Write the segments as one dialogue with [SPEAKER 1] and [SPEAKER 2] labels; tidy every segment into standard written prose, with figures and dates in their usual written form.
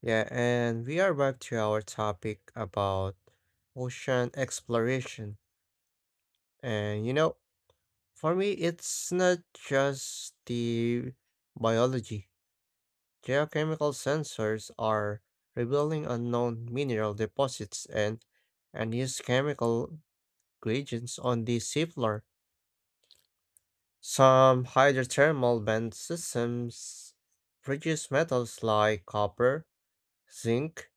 [SPEAKER 1] Yeah, and we are back to our topic about ocean exploration. And you know, for me, it's not just the biology. Geochemical sensors are revealing unknown mineral deposits and unused chemical reagents on the seafloor. Some hydrothermal vent systems produce metals like copper, zinc,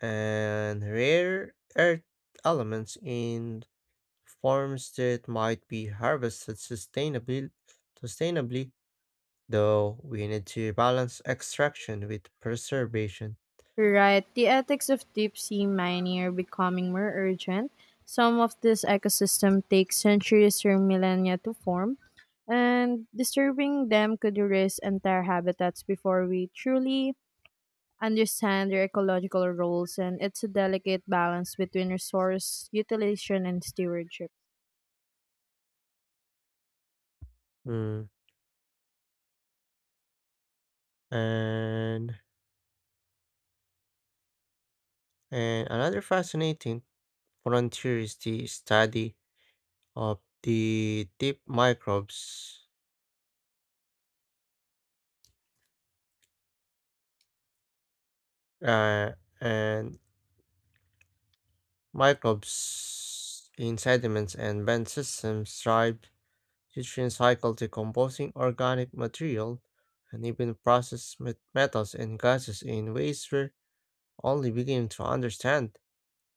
[SPEAKER 1] and rare earth elements in forms that might be harvested sustainably, sustainably though we need to balance extraction with preservation.
[SPEAKER 2] Right. The ethics of deep sea mining are becoming more urgent. Some of this ecosystem take centuries or millennia to form, and disturbing them could erase entire habitats before we truly understand their ecological roles, and it's a delicate balance between resource utilization and stewardship.
[SPEAKER 1] Mm, And, and another fascinating frontier is the study of the deep microbes uh, and microbes in sediments and vent systems thrive. This cycle decomposing organic material and even processed metals and gases in ways we're only beginning to understand.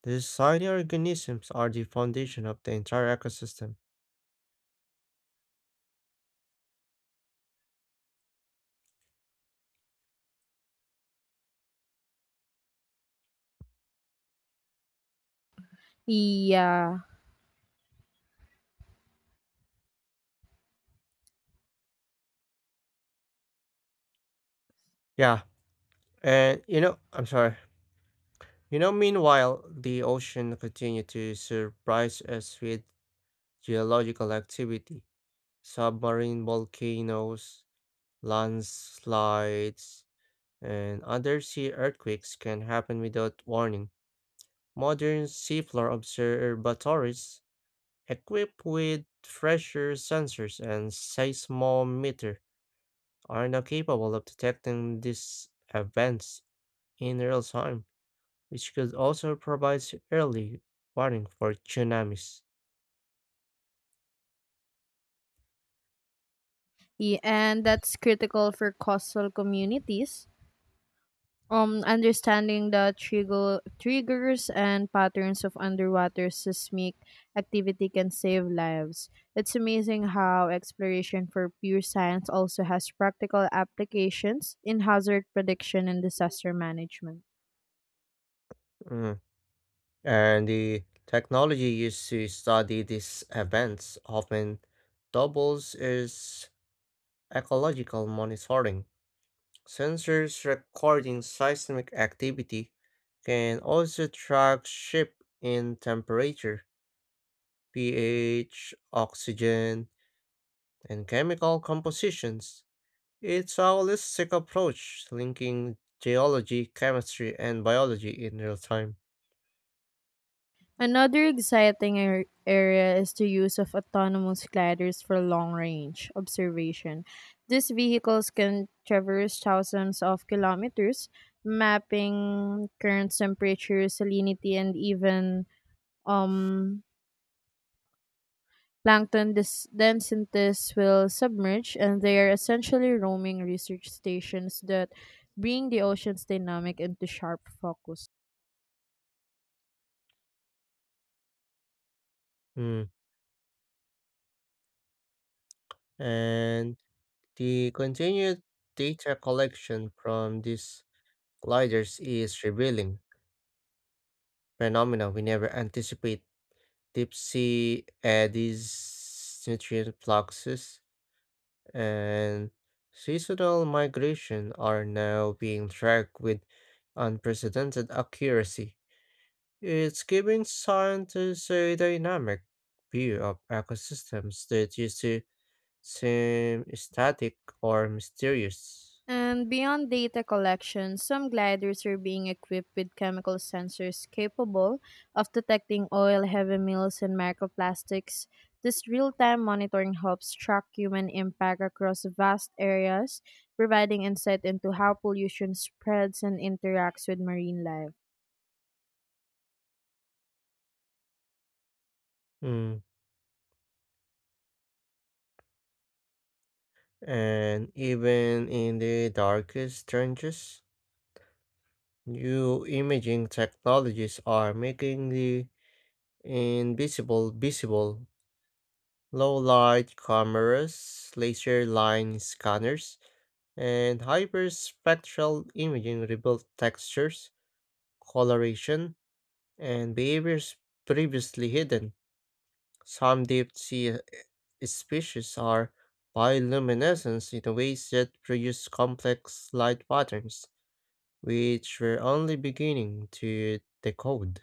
[SPEAKER 1] These tiny organisms are the foundation of the entire ecosystem.
[SPEAKER 2] Yeah.
[SPEAKER 1] Yeah, and you know, I'm sorry. You know, meanwhile, the ocean continue to surprise us with geological activity, submarine volcanoes, landslides, and other sea earthquakes can happen without warning. Modern seafloor observatories, equipped with pressure sensors and seismometer, are now capable of detecting these events in real time, which could also provide early warning for tsunamis.
[SPEAKER 2] Yeah. And that's critical for coastal communities. Understanding the triggers and patterns of underwater seismic activity can save lives. It's amazing how exploration for pure science also has practical applications in hazard prediction and disaster management.
[SPEAKER 1] Mm. And the technology used to study these events often doubles as ecological monitoring. Sensors recording seismic activity can also track shift in temperature, pH, oxygen, and chemical compositions. It's a holistic approach linking geology, chemistry, and biology in real time.
[SPEAKER 2] Another exciting area is the use of autonomous gliders for long range observation. These vehicles can traverse thousands of kilometers, mapping currents, temperature, salinity, and even um, plankton densities will submerge, and they are essentially roaming research stations that bring the ocean's dynamic into sharp focus.
[SPEAKER 1] Mm. And the continued data collection from these gliders is revealing phenomena we never anticipated. Tipsy Eddies, nutrient fluxes, and seasonal migration are now being tracked with unprecedented accuracy. It's giving scientists a dynamic view of ecosystems that used to seem static or mysterious.
[SPEAKER 2] And beyond data collection, some gliders are being equipped with chemical sensors capable of detecting oil, heavy metals, and microplastics. This real time monitoring helps track human impact across vast areas, providing insight into how pollution spreads and interacts with marine life.
[SPEAKER 1] Mm. And even in the darkest trenches, new imaging technologies are making the invisible visible. Low light cameras, laser line scanners, and hyperspectral imaging reveal textures, coloration, and behaviors previously hidden. Some deep sea species are bioluminescent in ways that produce complex light patterns, which we're only beginning to decode.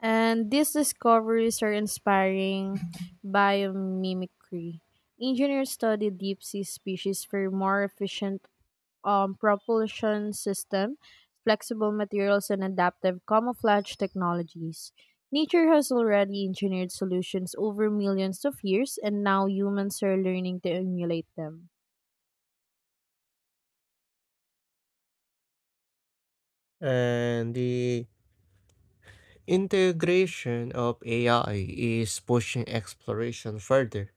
[SPEAKER 2] And these discoveries are inspiring biomimicry. Engineers study deep sea species for more efficient propulsion system, flexible materials, and adaptive camouflage technologies. Nature has already engineered solutions over millions of years, and now humans are learning to emulate them.
[SPEAKER 1] And the Integration of AI is pushing exploration further.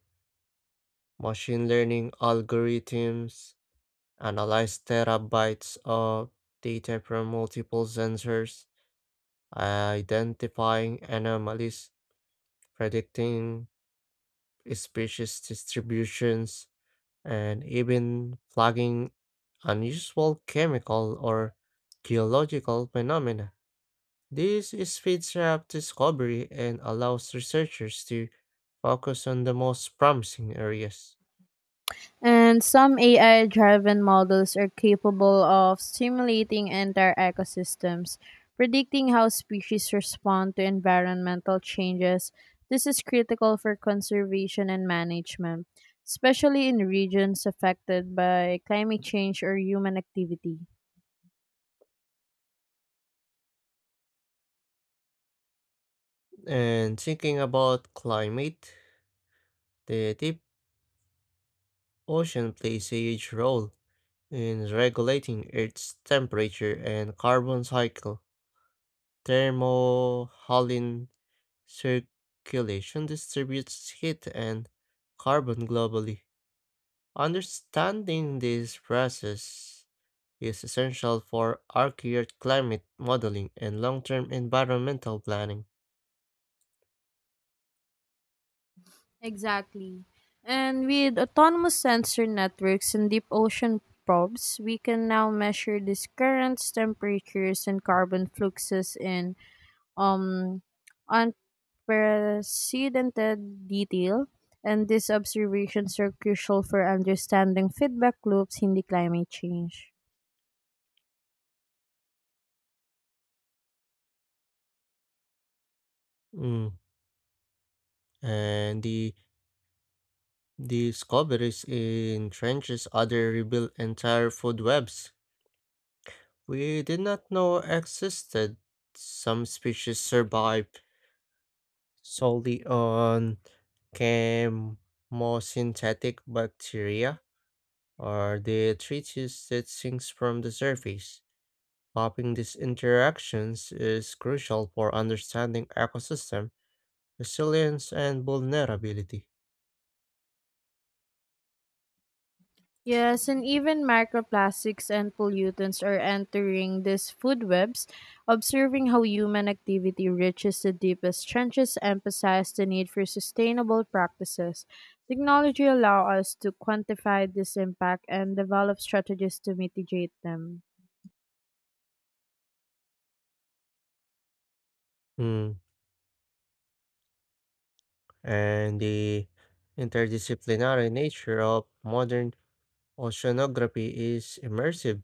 [SPEAKER 1] Machine learning algorithms analyze terabytes of data from multiple sensors, identifying anomalies, predicting species distributions, and even flagging unusual chemical or geological phenomena. This speeds up discovery and allows researchers to focus on the most promising areas.
[SPEAKER 2] And some AI driven models are capable of simulating entire ecosystems, predicting how species respond to environmental changes. This is critical for conservation and management, especially in regions affected by climate change or human activity.
[SPEAKER 1] And thinking about climate, the deep ocean plays a huge role in regulating Earth's temperature and carbon cycle. Thermohaline circulation distributes heat and carbon globally. Understanding this process is essential for accurate climate modeling and long term environmental planning.
[SPEAKER 2] Exactly. And with autonomous sensor networks and deep ocean probes, we can now measure these currents, temperatures, and carbon fluxes in um, unprecedented detail, and these observations are crucial for understanding feedback loops in the climate change.
[SPEAKER 1] Mm, And the Discoveries in trenches other rebuilt entire food webs we did not know existed. Some species survive solely on chemosynthetic bacteria or the treatise that sinks from the surface. Mapping these interactions is crucial for understanding ecosystem resilience and vulnerability.
[SPEAKER 2] Yes, and even microplastics and pollutants are entering these food webs. Observing how human activity reaches the deepest trenches emphasizes the need for sustainable practices. Technology allows us to quantify this impact and develop strategies to mitigate them.
[SPEAKER 1] Mm, and the interdisciplinary nature of modern oceanography is immersive.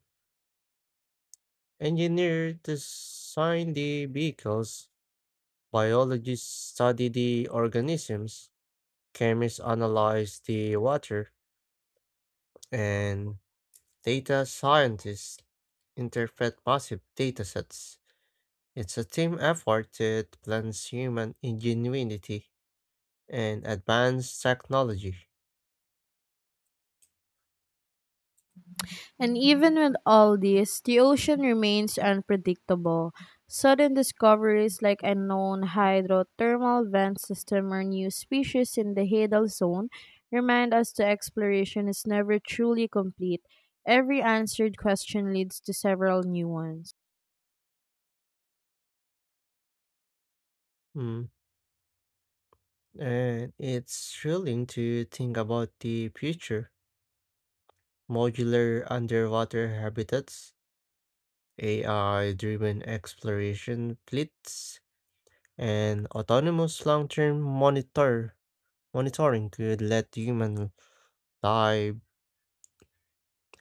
[SPEAKER 1] Engineers design the vehicles, biologists study the organisms, chemists analyze the water, and data scientists interpret massive datasets. It's a team effort that blends human ingenuity and advanced technology.
[SPEAKER 2] And even with all this, the ocean remains unpredictable. Sudden discoveries like unknown hydrothermal vent system or new species in the Hadal zone remind us the exploration is never truly complete. Every answered question leads to several new ones.
[SPEAKER 1] Mm. And it's thrilling to think about the future modular underwater habitats, AI driven exploration fleets, and autonomous long term monitoring could let humans dive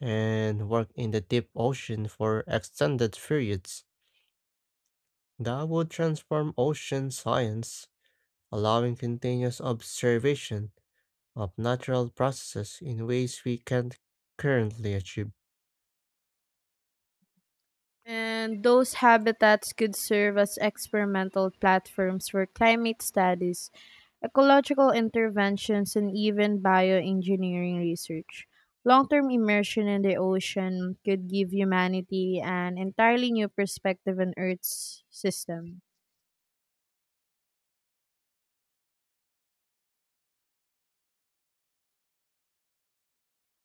[SPEAKER 1] and work in the deep ocean for extended periods. That would transform ocean science, allowing continuous observation of natural processes in ways we can't currently achieve.
[SPEAKER 2] And those habitats could serve as experimental platforms for climate studies, ecological interventions, and even bioengineering research. Long term immersion in the ocean could give humanity an entirely new perspective on Earth's system.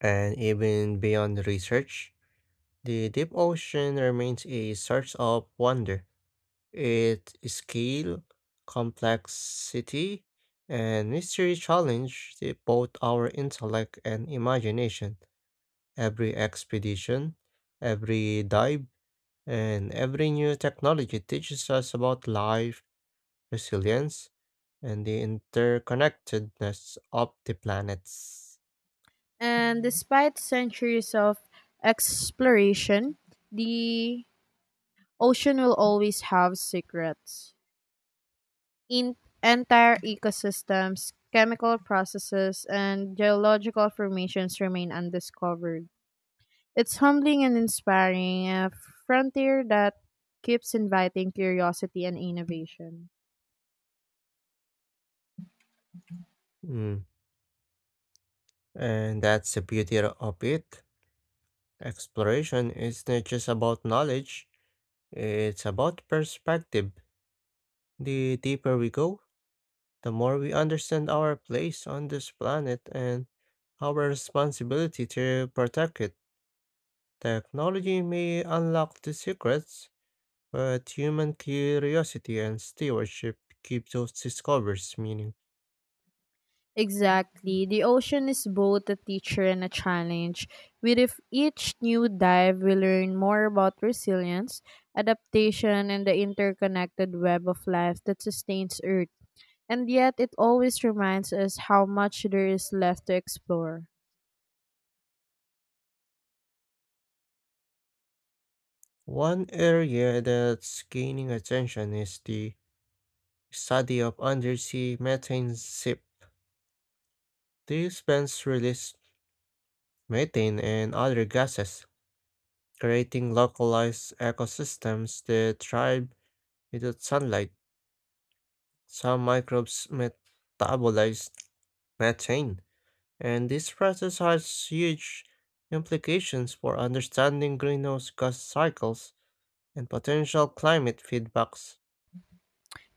[SPEAKER 1] And even beyond research, the deep ocean remains a source of wonder. Its scale, complexity, and mystery challenge both our intellect and imagination. Every expedition, every dive, and every new technology teaches us about life, resilience, and the interconnectedness of the planets.
[SPEAKER 2] And despite centuries of exploration, the ocean will always have secrets. In entire ecosystems, chemical processes, and geological formations remain undiscovered. It's humbling and inspiring, a frontier that keeps inviting curiosity and innovation.
[SPEAKER 1] Mm. And that's the beauty of it. Exploration is not just about knowledge, it's about perspective. The deeper we go, the more we understand our place on this planet and our responsibility to protect it. Technology may unlock the secrets, but human curiosity and stewardship keep those discoveries meaning.
[SPEAKER 2] Exactly. The ocean is both a teacher and a challenge. With if each new dive, we learn more about resilience, adaptation, and the interconnected web of life that sustains Earth. And yet, it always reminds us how much there is left to explore.
[SPEAKER 1] One area that's gaining attention is the study of undersea methane ship. These vents release methane, and other gases, creating localized ecosystems that thrive without sunlight. Some microbes metabolize methane, and this process has huge implications for understanding greenhouse gas cycles and potential climate feedbacks.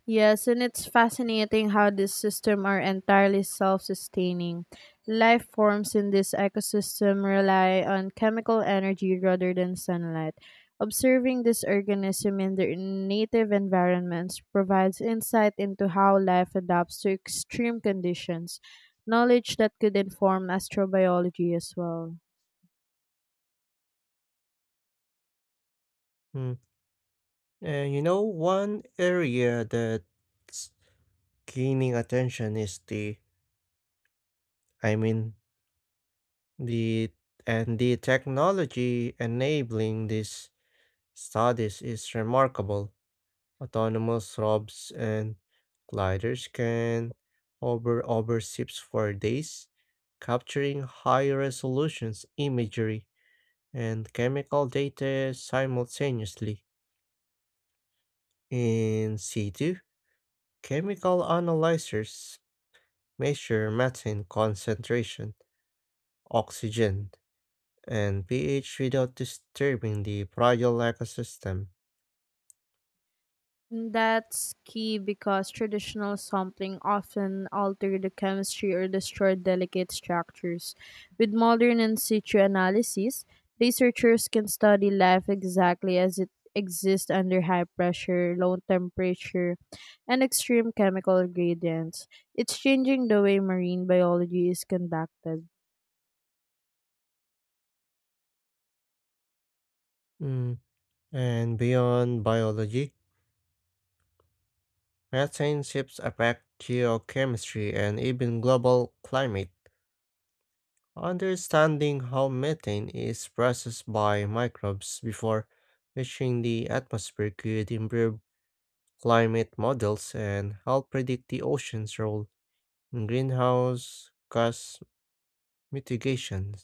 [SPEAKER 2] Yes, and it's fascinating how this system are entirely self-sustaining. Life forms in this ecosystem rely on chemical energy rather than sunlight. Observing this organism in their native environments provides insight into how life adapts to extreme conditions, knowledge that could inform astrobiology as well.
[SPEAKER 1] Mm. And you know, one area that's gaining attention is the, I mean, The and the technology enabling these studies is remarkable. Autonomous robes and gliders can hover over ships for days, capturing high resolutions imagery and chemical data simultaneously. In situ, chemical analyzers measure methane concentration, oxygen and pH without disturbing the fragile ecosystem.
[SPEAKER 2] That's key because traditional sampling often alter the chemistry or destroy delicate structures. With modern in situ analysis, researchers can study life exactly as it exists under high pressure, low temperature, and extreme chemical gradients. It's changing the way marine biology is conducted.
[SPEAKER 1] Mm, And beyond biology, methane relationships affect geochemistry and even global climate. Understanding how methane is processed by microbes before reaching the atmosphere could improve climate models and help predict the ocean's role in greenhouse gas mitigation.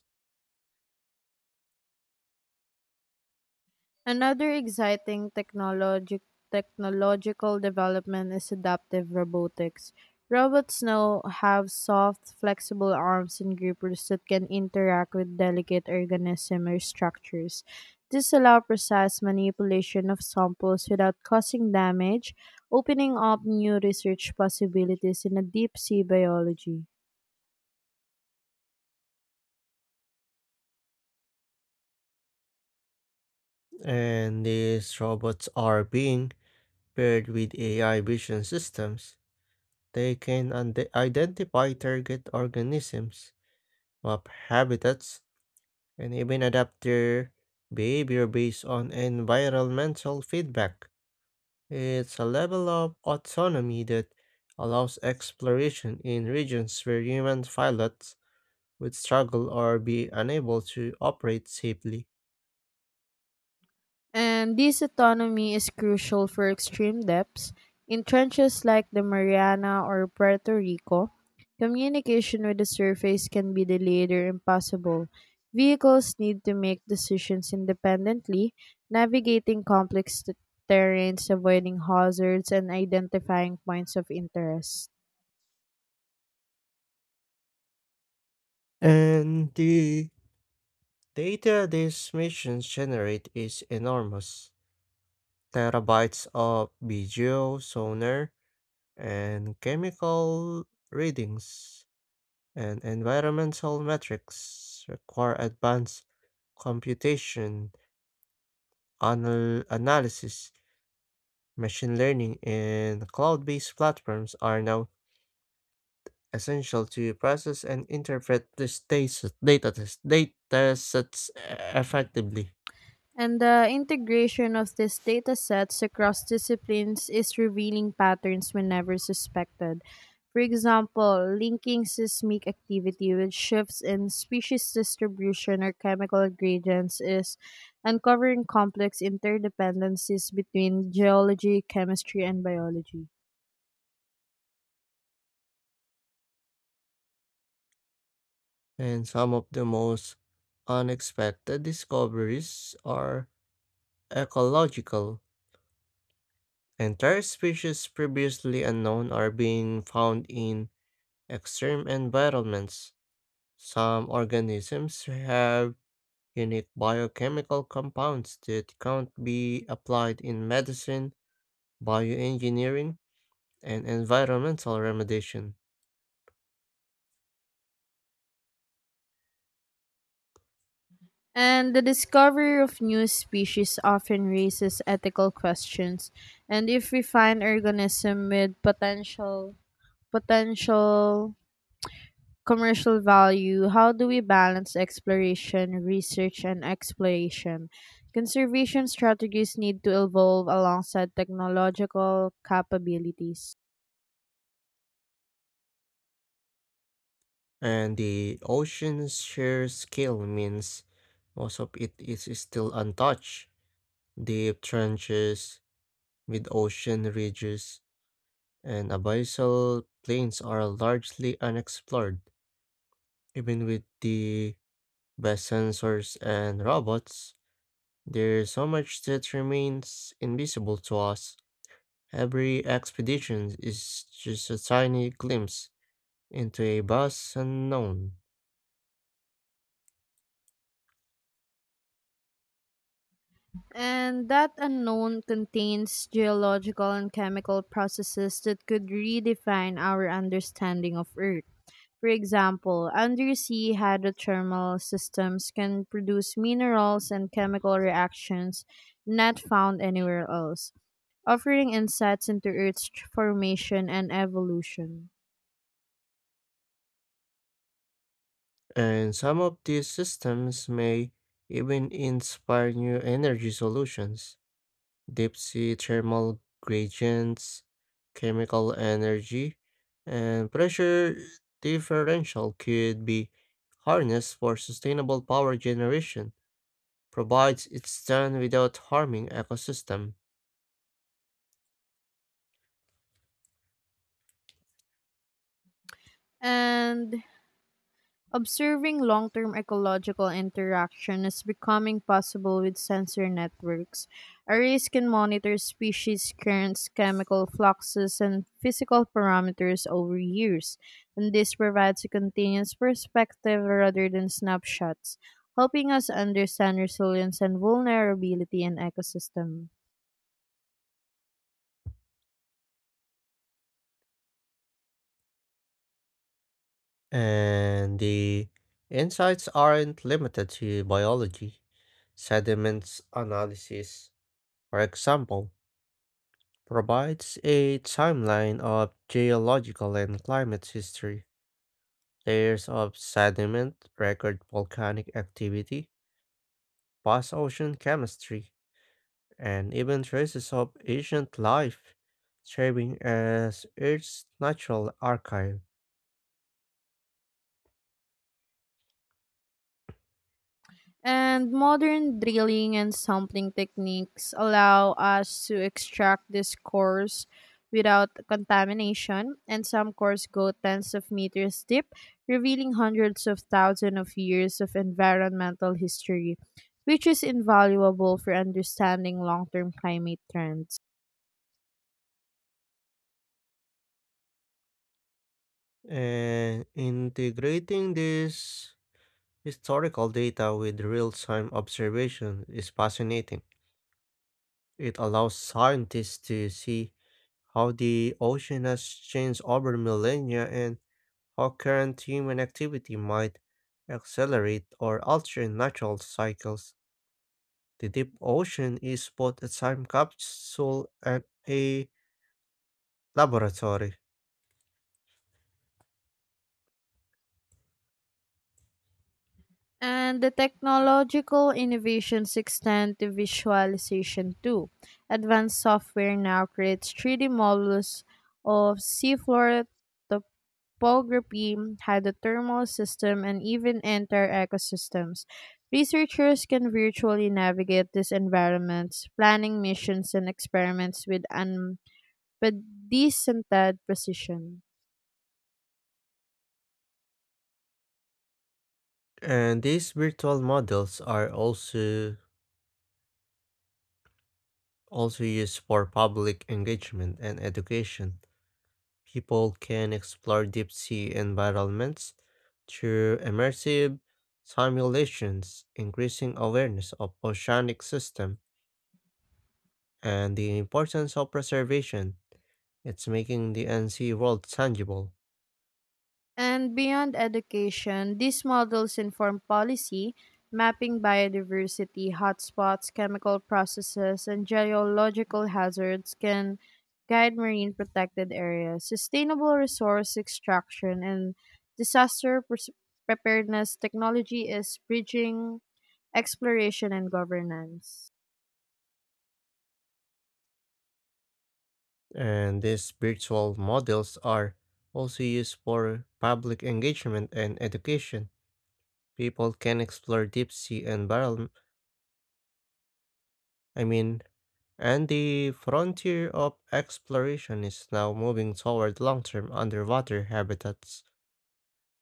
[SPEAKER 2] Another exciting technological development is adaptive robotics. Robots now have soft, flexible arms and grippers that can interact with delicate organisms or structures. This allows precise manipulation of samples without causing damage, opening up new research possibilities in a deep sea biology.
[SPEAKER 1] And these robots are being paired with AI vision systems. They can identify target organisms, map habitats, and even adapt their behavior based on environmental feedback. It's a level of autonomy that allows exploration in regions where human pilots would struggle or be unable to operate safely.
[SPEAKER 2] And this autonomy is crucial for extreme depths. In trenches like the Mariana or Puerto Rico, communication with the surface can be delayed or impossible. Vehicles need to make decisions independently, navigating complex terrains, avoiding hazards, and identifying points of interest.
[SPEAKER 1] And the data these missions generate is enormous. Terabytes of video, sonar, and chemical readings, and environmental metrics require advanced computation, analysis. Machine learning, and cloud based platforms are now essential to process and interpret these data sets effectively.
[SPEAKER 2] And the integration of these data sets across disciplines is revealing patterns we never suspected. For example, linking seismic activity with shifts in species distribution or chemical gradients is uncovering complex interdependencies between geology, chemistry, and biology.
[SPEAKER 1] And some of the most unexpected discoveries are ecological. Entire species previously unknown are being found in extreme environments. Some organisms have unique biochemical compounds that can't be applied in medicine, bioengineering, and environmental remediation.
[SPEAKER 2] And the discovery of new species often raises ethical questions. And if we find organism with potential commercial value, how do we balance exploration research and exploration? Conservation strategies need to evolve alongside technological capabilities.
[SPEAKER 1] And the ocean's sheer scale means most of it is still untouched. Deep trenches, mid ocean ridges, and abyssal plains are largely unexplored. Even with the best sensors and robots, there's so much that remains invisible to us. Every expedition is just a tiny glimpse into a vast unknown,
[SPEAKER 2] And that unknown contains geological and chemical processes that could redefine our understanding of Earth. For example, undersea hydrothermal systems can produce minerals and chemical reactions not found anywhere else, offering insights into Earth's formation and evolution.
[SPEAKER 1] and some of these systems may even inspire new energy solutions. Deep sea thermal gradients, chemical energy, and pressure differential could be harnessed for sustainable power generation, provides it's done without harming ecosystem.
[SPEAKER 2] And observing long term ecological interaction is becoming possible with sensor networks. Arrays can monitor species currents, chemical fluxes, and physical parameters over years, and this provides a continuous perspective rather than snapshots, helping us understand resilience and vulnerability in ecosystem.
[SPEAKER 1] And the insights aren't limited to biology. Sediments analysis, for example, provides a timeline of geological and climate history. Layers of sediment record volcanic activity, past ocean chemistry, and even traces of ancient life, serving as Earth's natural archive.
[SPEAKER 2] And modern drilling and sampling techniques allow us to extract these cores without contamination, and some cores go tens of meters deep, revealing hundreds of thousands of years of environmental history, which is invaluable for understanding long term climate trends.
[SPEAKER 1] And integrating this historical data with real time observation is fascinating. It allows scientists to see how the ocean has changed over millennia and how current human activity might accelerate or alter natural cycles. The deep ocean is both a time capsule and a laboratory.
[SPEAKER 2] And the technological innovations extend to visualization too. Advanced software now creates 3D models of seafloor topography, hydrothermal system, and even entire ecosystems. Researchers can virtually navigate these environments, planning missions and experiments with unprecedented precision.
[SPEAKER 1] And these virtual models are also used for public engagement and education. People can explore deep sea environments through immersive simulations, increasing awareness of oceanic systems and the importance of preservation. It's making the NC world tangible,
[SPEAKER 2] And beyond education, these models inform policy, mapping biodiversity hotspots, chemical processes, and geological hazards can guide marine protected areas, sustainable resource extraction, and disaster pres- preparedness. Technology is bridging exploration and governance.
[SPEAKER 1] and these virtual models are also used for public engagement and education. People can explore deep sea environment. I mean, and the frontier of exploration is now moving toward long-term underwater habitats.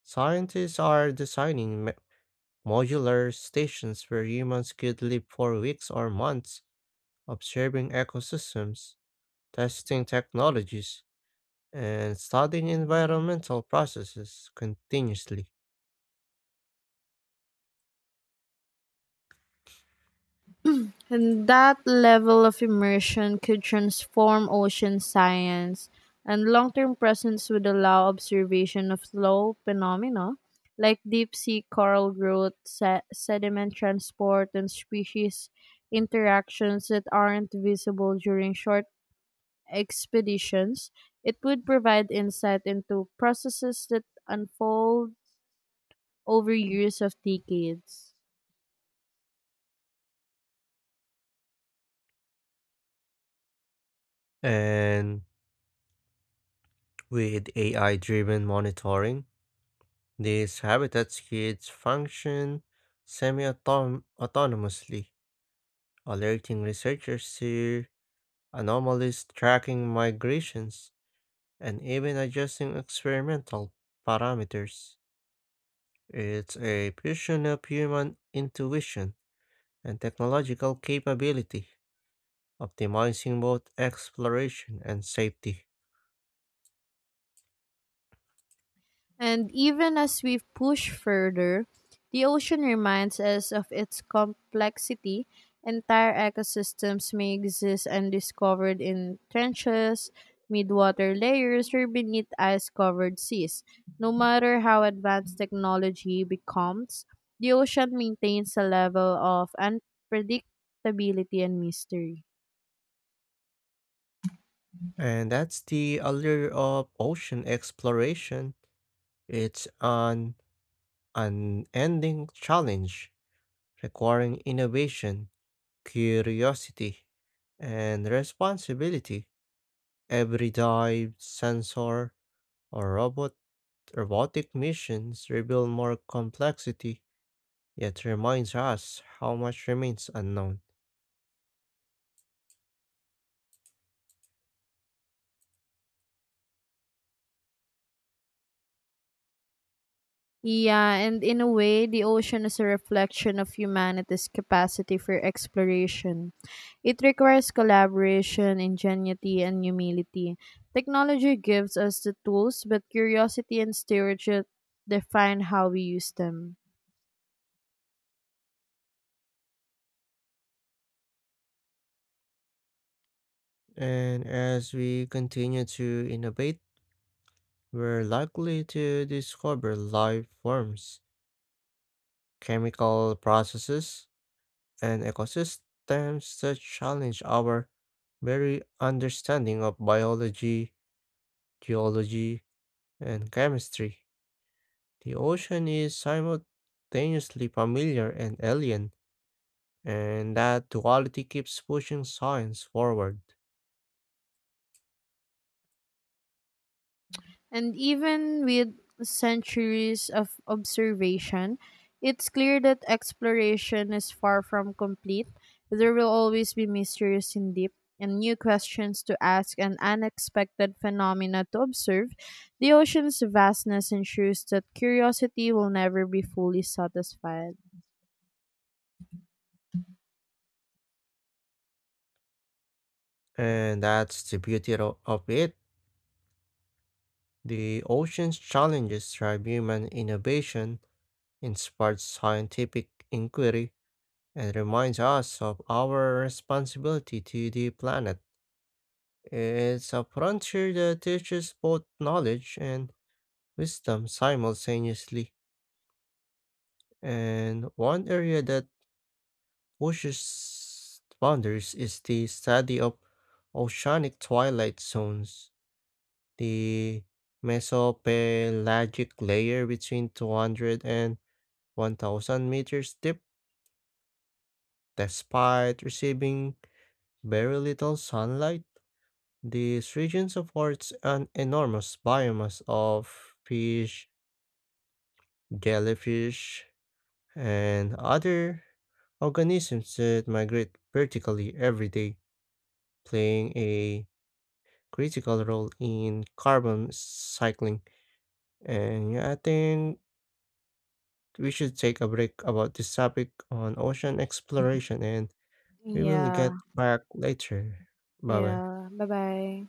[SPEAKER 1] Scientists are designing modular stations where humans could live for weeks or months observing ecosystems, testing technologies, and studying environmental processes continuously.
[SPEAKER 2] And that level of immersion could transform ocean science, and long term presence would allow observation of slow phenomena like deep sea coral growth, sediment transport, and species interactions that aren't visible during short expeditions. It would provide insight into processes that unfold over years of decades.
[SPEAKER 1] And with AI driven monitoring, these habitats kids function semi autonomously, alerting researchers to anomalies, tracking migrations, and even adjusting experimental parameters. It's a fusion of human intuition and technological capability, optimizing both exploration and safety.
[SPEAKER 2] And even as we push further, the ocean reminds us of its complexity. Entire ecosystems may exist undiscovered in trenches, midwater layers, or beneath ice covered seas. No matter how advanced technology becomes, the ocean maintains a level of unpredictability and mystery.
[SPEAKER 1] And that's the allure of ocean exploration. It's an unending challenge requiring innovation, curiosity, and responsibility. Every dive, sensor, or robotic missions reveal more complexity, yet reminds us how much remains unknown.
[SPEAKER 2] Yeah, and in a way, the ocean is a reflection of humanity's capacity for exploration. It requires collaboration, ingenuity, and humility. Technology gives us the tools, but curiosity and stewardship define how we use them.
[SPEAKER 1] And as we continue to innovate, we're likely to discover life forms, chemical processes, and ecosystems that challenge our very understanding of biology, geology, and chemistry. The ocean is simultaneously familiar and alien, and that duality keeps pushing science forward.
[SPEAKER 2] And even with centuries of observation, it's clear that exploration is far from complete. There will always be mysteries in deep and new questions to ask and unexpected phenomena to observe. The ocean's vastness ensures that curiosity will never be fully satisfied.
[SPEAKER 1] And that's the beauty of it. The ocean's challenges drive human innovation, inspires scientific inquiry, and reminds us of our responsibility to the planet. It's a frontier that teaches both knowledge and wisdom simultaneously. And one area that pushes boundaries is the study of oceanic twilight zones. The mesopelagic layer between 200 and 1,000 meters deep. Despite receiving very little sunlight, this region supports an enormous biomass of fish, jellyfish, and other organisms that migrate vertically every day, playing a critical role in carbon cycling. And yeah, I think we should take a break about this topic on ocean exploration, and we will
[SPEAKER 2] Yeah,
[SPEAKER 1] get back later. Bye bye.
[SPEAKER 2] yeah. Bye bye.